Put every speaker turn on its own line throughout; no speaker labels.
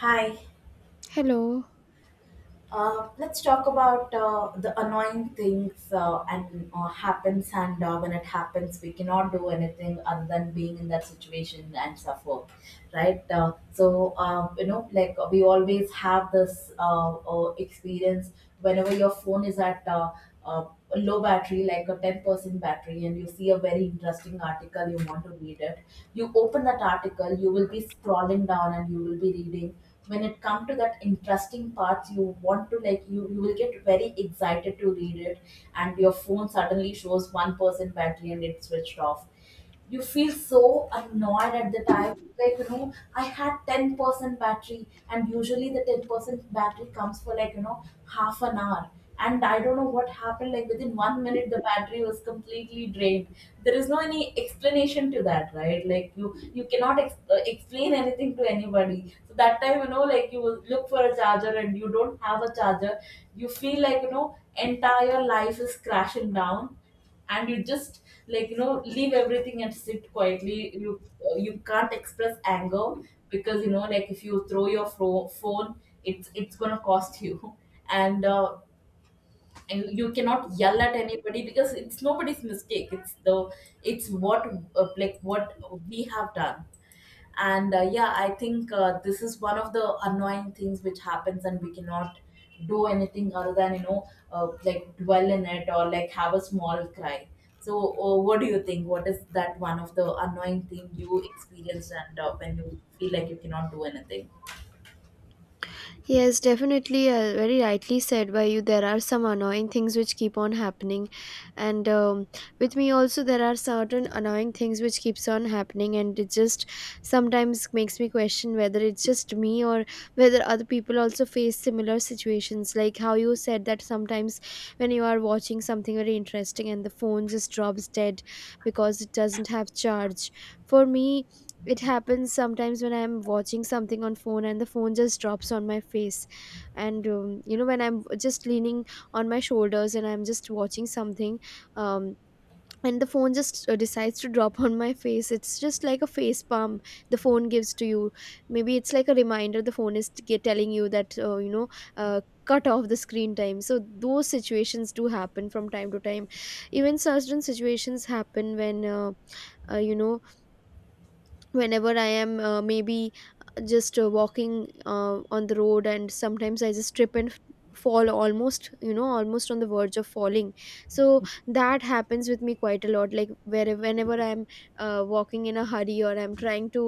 Hi.
Hello.
Let's talk about the annoying things, and happens, and when it happens, we cannot do anything other than being in that situation and suffer, right? So, like, we always have this experience whenever your phone is at a low battery, like a 10% battery, and you see a very interesting article. You want to read it, you open that article, you will be scrolling down and you will be reading. When it come to that interesting parts, you want to, like, you will get very excited to read it. And your phone suddenly shows 1% battery and it switched off. You feel so annoyed at the time. Like, I had 10% battery, and usually the 10% battery comes for, like, half an hour. And I don't know what happened, like within 1 minute the battery was completely drained. There is no any explanation to that, right? Like, you cannot explain anything to anybody. So that time, like, you will look for a charger and you don't have a charger. You feel like, entire life is crashing down. And you just, like, leave everything and sit quietly. You, you can't express anger, because, like, if you throw your phone, it's gonna cost you. and uh, and you cannot yell at anybody, because it's nobody's mistake. It's the, it's what, like what we have done. And yeah, I think this is one of the annoying things which happens, and we cannot do anything other than, like, dwell in it, or, like, have a small cry. So, what do you think? What is that one of the annoying thing you experienced, and when you feel like you cannot do anything?
Yes, definitely. Very rightly said by you. There are some annoying things which keep on happening, and with me also there are certain annoying things which keeps on happening, and it just sometimes makes me question whether it's just me or whether other people also face similar situations. Like how you said that sometimes when you are watching something very interesting and the phone just drops dead because it doesn't have charge. For me, it happens sometimes when I'm watching something on phone and the phone just drops on my face, and you know, when I'm just leaning on my shoulders and I'm just watching something, um, and the phone just decides to drop on my face. It's just like a face palm the phone gives to you. Maybe it's like a reminder the phone is telling you that you know, uh, cut off the screen time. So those situations do happen from time to time. Even certain situations happen when you know, whenever I am maybe just walking on the road, and sometimes I just trip and fall, almost, you know, almost on the verge of falling. So that happens with me quite a lot, like where whenever I'm walking in a hurry or I'm trying to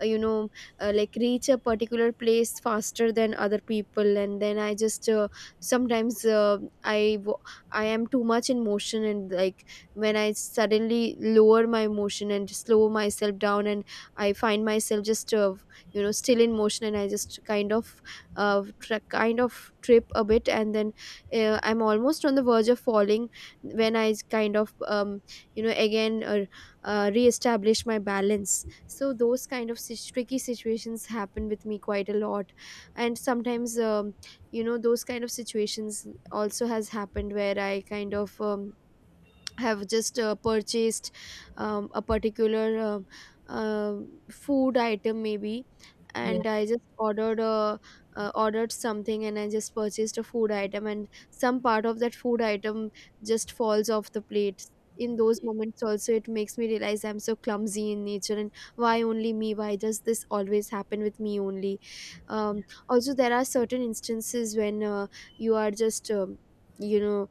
you know, like reach a particular place faster than other people, and then I just sometimes I am too much in motion, and like when I suddenly lower my motion and slow myself down and I find myself just you know, still in motion, and I just kind of kind of trip a bit, and then I'm almost on the verge of falling when I kind of you know, again reestablish my balance. So those kind of tricky situations happen with me quite a lot, and sometimes you know, those kind of situations also has happened where I kind of have just purchased a particular uh, food item maybe,
Yeah,
and I just ordered something, and I just purchased a food item and some part of that food item just falls off the plate. In those moments also it makes me realize I'm so clumsy in nature, and why only me, why does this always happen with me only. Also, there are certain instances when you are just you know,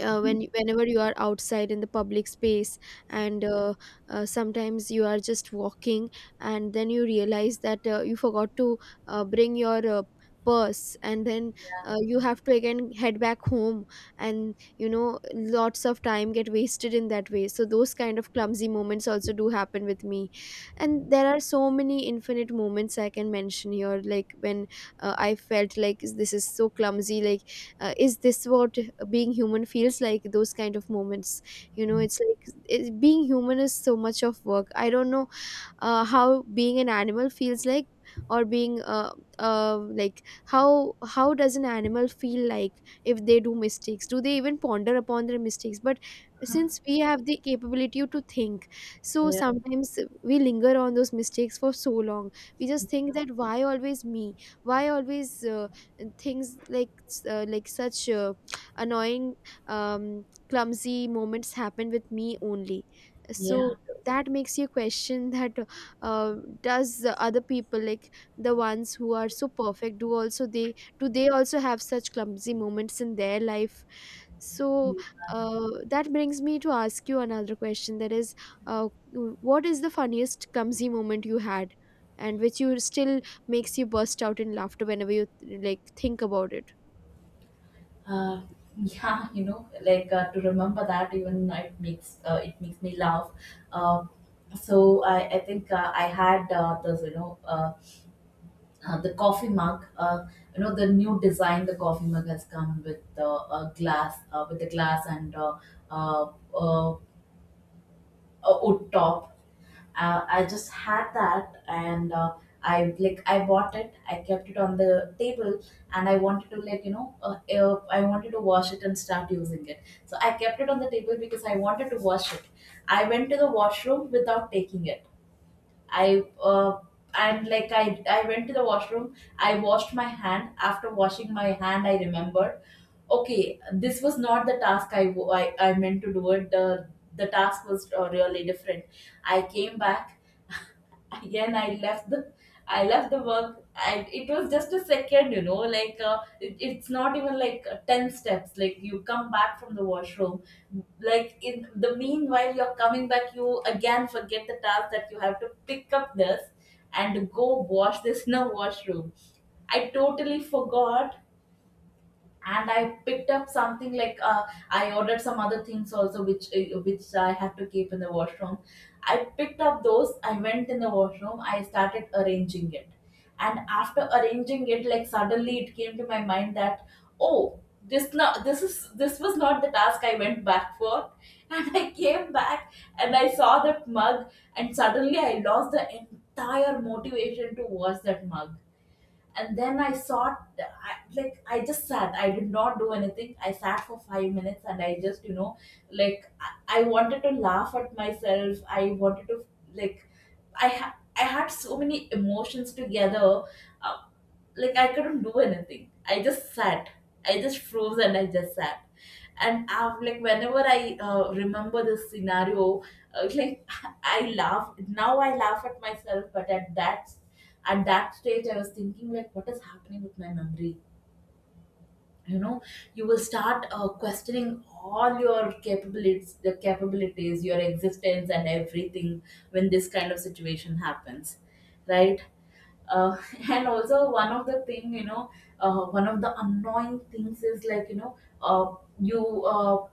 whenever you are outside in the public space, and sometimes you are just walking, and then you realize that you forgot to bring your purse, and then you have to again head back home, and you know, lots of time get wasted in that way. So those kind of clumsy moments also do happen with me, and there are so many infinite moments I can mention here, like when I felt like this is so clumsy, like is this what being human feels like, those kind of moments. You know, it's like it, being human is so much of work. I don't know how being an animal feels like, or being like how does an animal feel like. If they do mistakes, do they even ponder upon their mistakes? But since we have the capability to think, so
yeah,
sometimes we linger on those mistakes for so long. We just think that why always me, why always things like such annoying, clumsy moments happen with me only.
yeah.
So that makes you question that uh, does the other people like the ones who are so perfect, do also they, do they also have such clumsy moments in their life. So that brings me to ask you another question, that is, uh, what is the funniest clumsy moment you had, and which you still makes you burst out in laughter whenever you like think about it.
uh, yeah, like, to remember that, even, it makes, it makes me laugh. Uh, so I, I think I had this, the coffee mug. You know, the new design the coffee mug has come with a glass, with the glass, and uh, uh, a wood top. I just had that, and I like, I bought it, I kept it on the table. And I wanted to, like, I wanted to wash it and start using it, so I kept it on the table because I wanted to wash it. I went to the washroom without taking it. I and like I went to the washroom. I washed my hand. After washing my hand, I remembered. Okay, this was not the task I meant to do it. The task was really different. I came back, again I left the, I left the work. And it was just a second, like, it's not even like, 10 steps. Like, you come back from the washroom, like, in the meanwhile you're coming back, you again forget the task that you have to pick up this and go wash this in a washroom. I totally forgot. And I picked up something, like, I ordered some other things also, which, which I had to keep in the washroom. I picked up those. I went in the washroom. I started arranging it, and after arranging it, like, suddenly it came to my mind that, oh, this was not the task I went back for. And I came back and I saw that mug, and suddenly I lost the entire motivation to wash that mug. And then I thought, like, I just sat, I did not do anything, I sat for 5 minutes, and I just, like, I wanted to laugh at myself, I wanted to, like, I had so many emotions together. Uh, like, I couldn't do anything. I just sat. I just froze and I just sat. And I'm like, whenever I, remember this scenario, like, I laugh. Now I laugh at myself, but at that, at that stage, I was thinking, like, what is happening with my memory? You know, you will start, questioning all your capabilities, the capabilities, your existence, and everything when this kind of situation happens, right? uh, and also one of the thing, one of the annoying things is, like, you know uh, you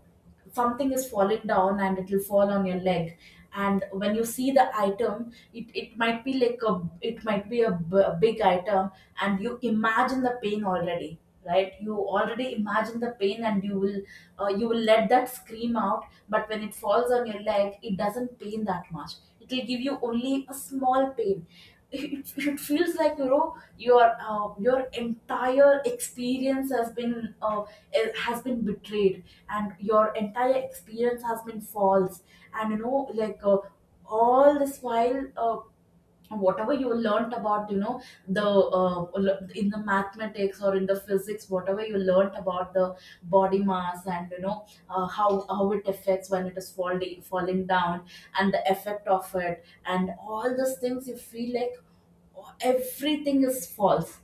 something is falling down and it will fall on your leg. And when you see the item, it might be like a, it might be a big item. And you imagine the pain already, right? You already imagine the pain, and you will, you will let that scream out. But when it falls on your leg, it doesn't pain that much. It will give you only a small pain. It feels like, your, your entire experience has been, has been betrayed, and your entire experience has been false. And, like, all this while, whatever you learnt about, the, in the mathematics or in the physics, whatever you learnt about the body mass, and, how it affects when it is falling down, and the effect of it and all these things, you feel like, oh, everything is false,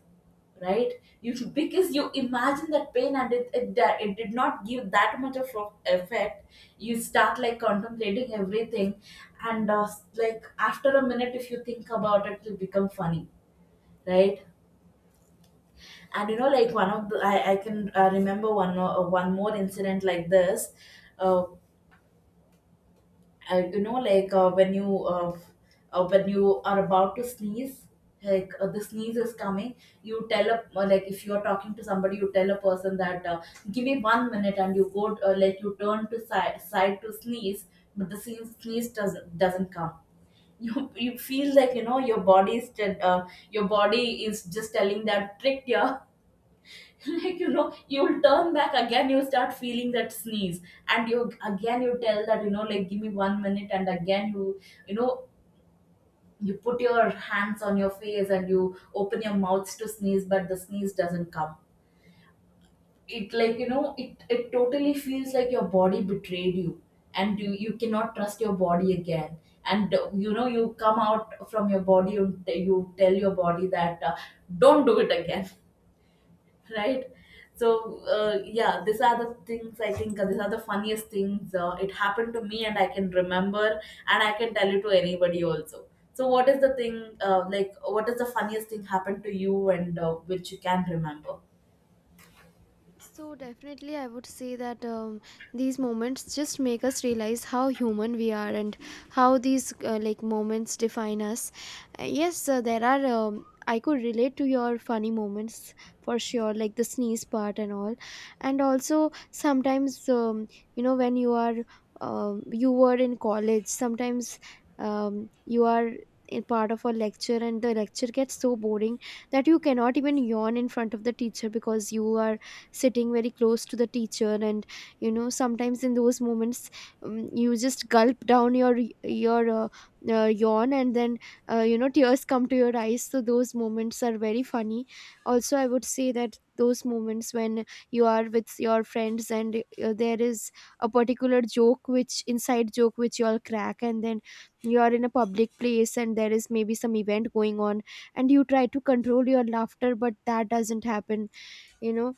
right? You should, because you imagine that pain, and it did not give that much of effect. You start, like, contemplating everything. And, like, after a minute, if you think about it, it'll become funny, right? And, like, one of the, I can, remember one, one more incident like this. Uh, uh, you know, like, when you are about to sneeze, like, the sneeze is coming. You tell a, like, if you are talking to somebody, you tell a person that, give me 1 minute. And you go, like, you turn to side, side to sneeze, but the sneeze doesn't come. You feel like, your body is your body is just telling that, tricked you. Like, you'll turn back again, you start feeling that sneeze. And you again, you tell that, like, give me 1 minute, and again you, you know you put your hands on your face and you open your mouths to sneeze, but the sneeze doesn't come. It, like, it it totally feels like your body betrayed you, and you cannot trust your body again. And, you come out from your body. You tell your body that, don't do it again, right? So, yeah, these are the things I think. These are the funniest things it happened to me and I can remember, and I can tell it to anybody also. So what is the thing, like, what is the funniest thing happened to you, and which you can remember?
So definitely, I would say that these moments just make us realize how human we are and how these like moments define us. Yes, there are. I could relate to your funny moments, for sure, like the sneeze part and all, and also sometimes you know, when you are you were in college. Sometimes you are in part of a lecture and the lecture gets so boring that you cannot even yawn in front of the teacher because you are sitting very close to the teacher, and you know, sometimes in those moments you just gulp down your your yawn, and then you know, tears come to your eyes. So those moments are very funny. Also, I would say that those moments when you are with your friends and there is a particular joke which inside joke which you all crack, and then you are in a public place and there is maybe some event going on, and you try to control your laughter but that doesn't happen. You know,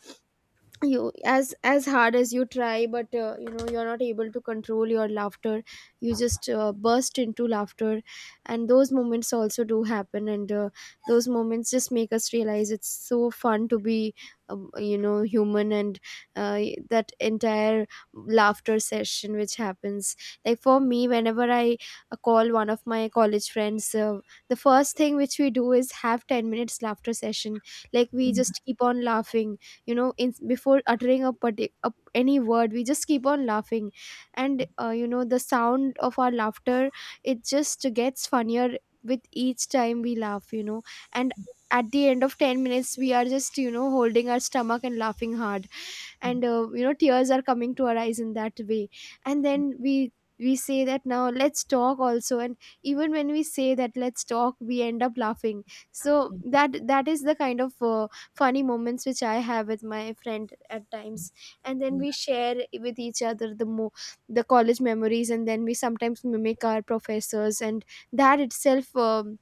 you as hard as you try, but you know, you're not able to control your laughter. You just burst into laughter, and those moments also do happen. And those moments just make us realize it's so fun to be you know, human. And uh, that entire laughter session which happens, like for me whenever I call one of my college friends, the first thing which we do is have 10 minutes laughter session. Like we just keep on laughing. You know, in before uttering a, a any word, we just keep on laughing. And you know, the sound of our laughter, it just gets funnier with each time we laugh, you know. And at the end of 10 minutes, we are just, you know, holding our stomach and laughing hard. And you know, tears are coming to our eyes in that way. And then we say that now let's talk also, and even when we say that let's talk, we end up laughing. So that that is the kind of funny moments which I have with my friend at times. And then we share with each other the the college memories, and then we sometimes mimic our professors, and that itself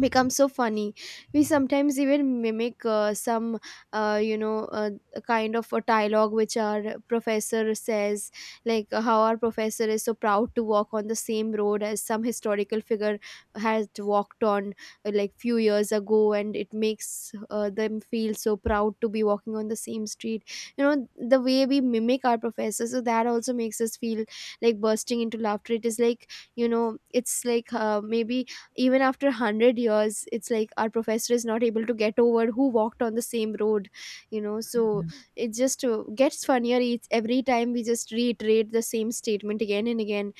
becomes so funny. We sometimes even mimic some you know, kind of a dialogue which our professor says, like how our professor is so proud to walk on the same road as some historical figure has walked on like few years ago, and it makes them feel so proud to be walking on the same street. You know, the way we mimic our professor, so that also makes us feel like bursting into laughter. It is like, you know, it's like maybe even after 100 years it's like our professor is not able to get over who walked on the same road, you know. So it just gets funnier each every time we just reiterate the same statement again and again.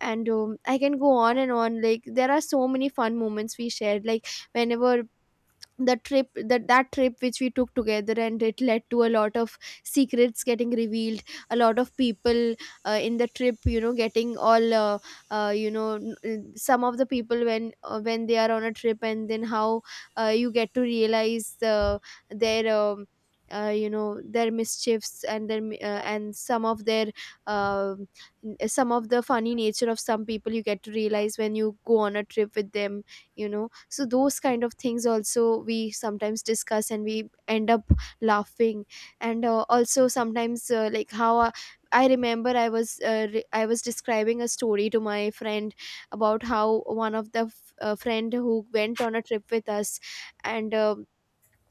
And I can go on and on, like there are so many fun moments we shared, like whenever the trip that that trip which we took together, and it led to a lot of secrets getting revealed. A lot of people in the trip, you know, getting all you know, some of the people when they are on a trip, and then how you get to realize their you know, their mischiefs and their and some of their um, some of the funny nature of some people you get to realize when you go on a trip with them, you know. So those kind of things also we sometimes discuss and we end up laughing. And also sometimes like how I remember I was I was describing a story to my friend about how one of the friend who went on a trip with us, and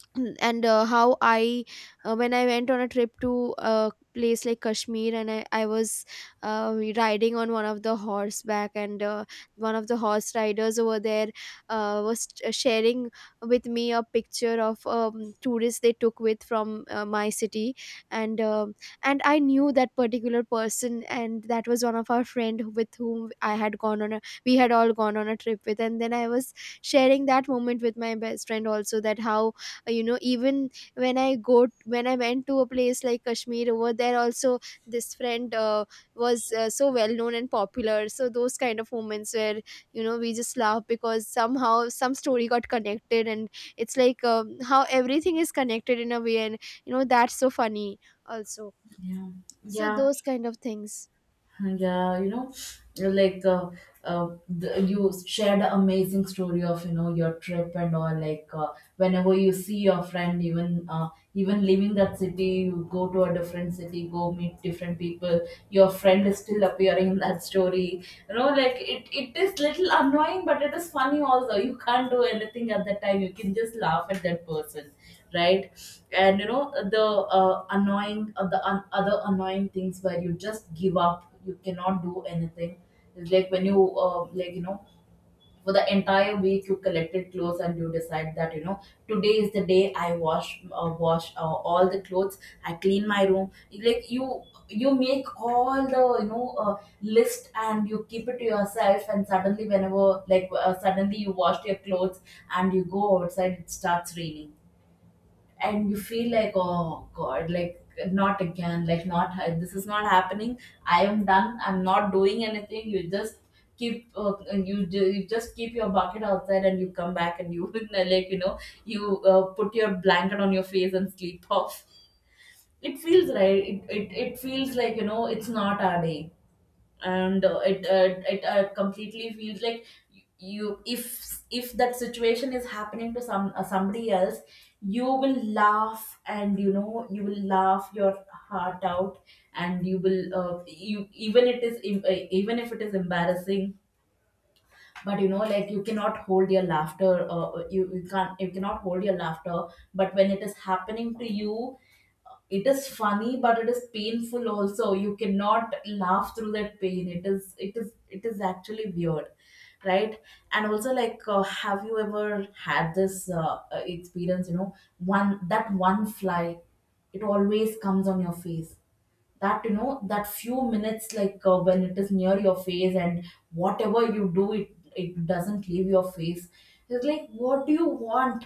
and how I when I went on a trip to a place like Kashmir, and I was riding on one of the horseback, and one of the horse riders over there was sharing with me a picture of tourists they took with from my city. And and I knew that particular person, and that was one of our friend with whom I had gone on a, we had all gone on a trip with. And then I was sharing that moment with my best friend also, that how you know, even when I go, when I went to a place like Kashmir, over there also this friend was so well known and popular. So those kind of moments where, you know, we just laugh because somehow some story got connected, and it's like how everything is connected in a way, and you know, that's so funny also.
Yeah,
So
yeah.
those kind of things.
Yeah, you know, like, you shared an amazing story of, your trip and all. Like, whenever you see your friend, even, even leaving that city, you go to a different city, go meet different people. Your friend is still appearing in that story. You know, like, it is little annoying, but it is funny also. You can't do anything at that time. You can just laugh at that person, right? And you know the, annoying, other annoying things where you just give up, you cannot do anything. It's like when you, like, for the entire week you collected clothes and you decide that, today is the day I wash, all the clothes. I clean my room. Like, you make all the, list, and you keep it to yourself. And suddenly, whenever, like suddenly, you washed your clothes and you go outside, it starts raining. And you feel like, oh god, like not again, like, not, this is not happening. I am done, I'm not doing anything. You just keep you just keep your bucket outside and you come back and you like you put your blanket on your face and sleep off. It feels right. It feels like it's not our day. And it completely feels like you, if that situation is happening to somebody else, you will laugh, and you will laugh your heart out. And you will you, even it is even if it is embarrassing, but like you cannot hold your laughter. You cannot hold your laughter. But when it is happening to you, it is funny, but it is painful also. You cannot laugh through that pain. It is actually weird, right? And also, like have you ever had this experience? One that one fly, it always comes on your face. That that few minutes, like when it is near your face, and whatever you do, it doesn't leave your face. It's like, what do you want?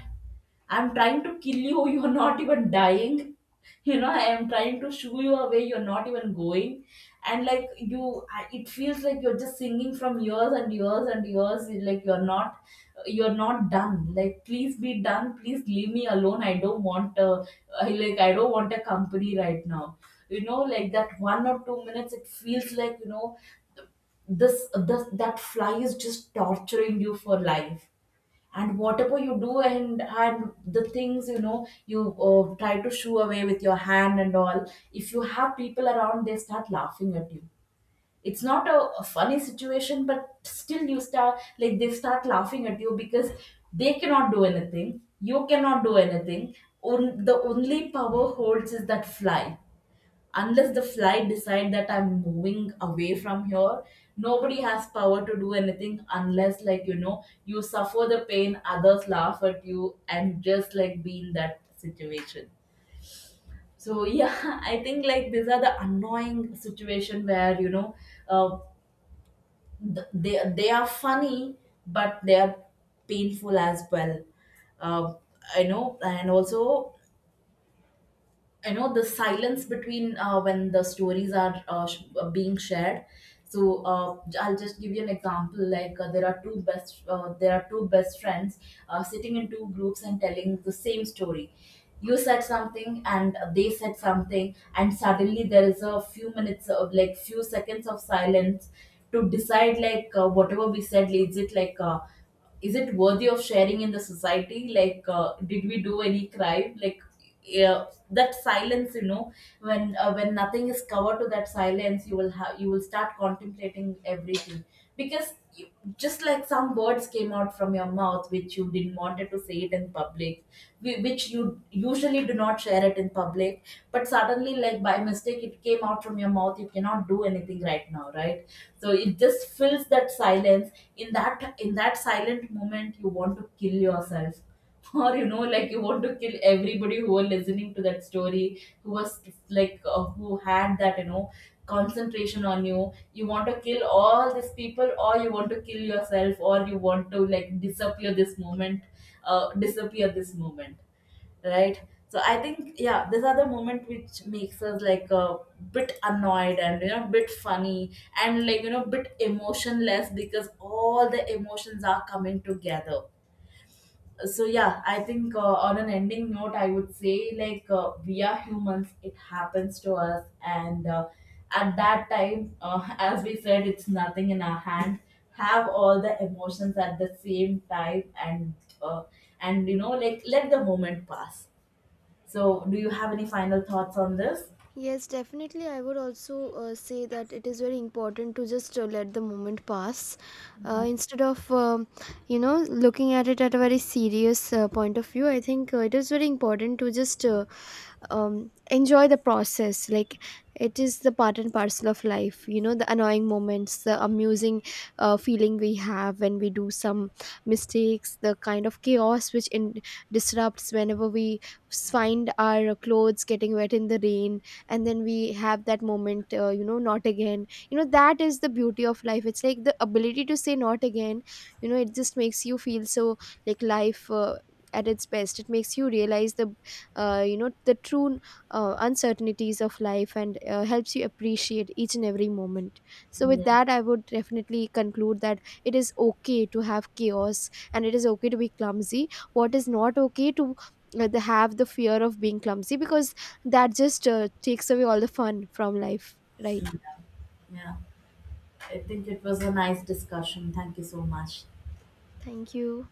I'm trying to kill you, you're not even dying. I am trying to shoo you away, you're not even going. And like you, it feels like you're just singing from years and years and years, like you're not, you're not done. Like please be done, please leave me alone. I don't want a, I, like I don't want a company right now. Like that 1 or 2 minutes, it feels like this that fly is just torturing you for life. And whatever you do, and the things, you try to shoo away with your hand and all. If you have people around, they start laughing at you. It's not a, a funny situation, but still you start, like they start laughing at you, because they cannot do anything, you cannot do anything. On, the only power holds is that fly. Unless the fly decide that I'm moving away from here, nobody has power to do anything. Unless like you suffer the pain, others laugh at you and just like be in that situation. So yeah, I think like these are the annoying situation where uh, they are funny, but they are painful as well. uh, I know. And also, the silence between when the stories are being shared. So I'll just give you an example. Like there are two best friends sitting in two groups and telling the same story. You said something and they said something, and suddenly there is a few minutes of, like few seconds of silence to decide like whatever we said, is it like is it worthy of sharing in the society? Like did we do any crime? Like yeah, that silence, when nothing is covered to that silence, you will have, you will start contemplating everything. Because you, just like some words came out from your mouth which you didn't wanted to say it in public, which you usually do not share it in public. But suddenly, like by mistake, it came out from your mouth, you cannot do anything right now, right? So it just fills that silence. In that, silent moment, you want to kill yourself. Or like you want to kill everybody who were listening to that story, who was like who had that, concentration on you. You want to kill all these people, or you want to kill yourself, or you want to like disappear this moment. uh, disappear this moment right. So I think yeah, these are the moment which makes us like a bit annoyed, and bit funny, and like bit emotionless, because all the emotions are coming together. So yeah, I think on an ending note, I would say like we are humans, it happens to us. And at that time as we said, it's nothing in our hand. Have all the emotions at the same time, uh, and like let the moment pass. So, do you have any final thoughts on this?
Yes, definitely. I would also say that it is very important to just let the moment pass, instead of, you know, looking at it at a very serious point of view. I think it is very important to just enjoy the process. Like it is the part and parcel of life, you know, the annoying moments, the amusing feeling we have when we do some mistakes, the kind of chaos which disrupts whenever we find our clothes getting wet in the rain, and then we have that moment, you know, not again. You know, that is the beauty of life. It's like the ability to say not again, you know. It just makes you feel so, like life at its best, it makes you realize the you know, the true uncertainties of life, and helps you appreciate each and every moment. So with
Yes.
that, I would definitely conclude that it is okay to have chaos and it is okay to be clumsy. What is not okay to have the fear of being clumsy, because that just takes away all the fun from life, right.
Yeah, I think it was a nice discussion. Thank you so much.
Thank you.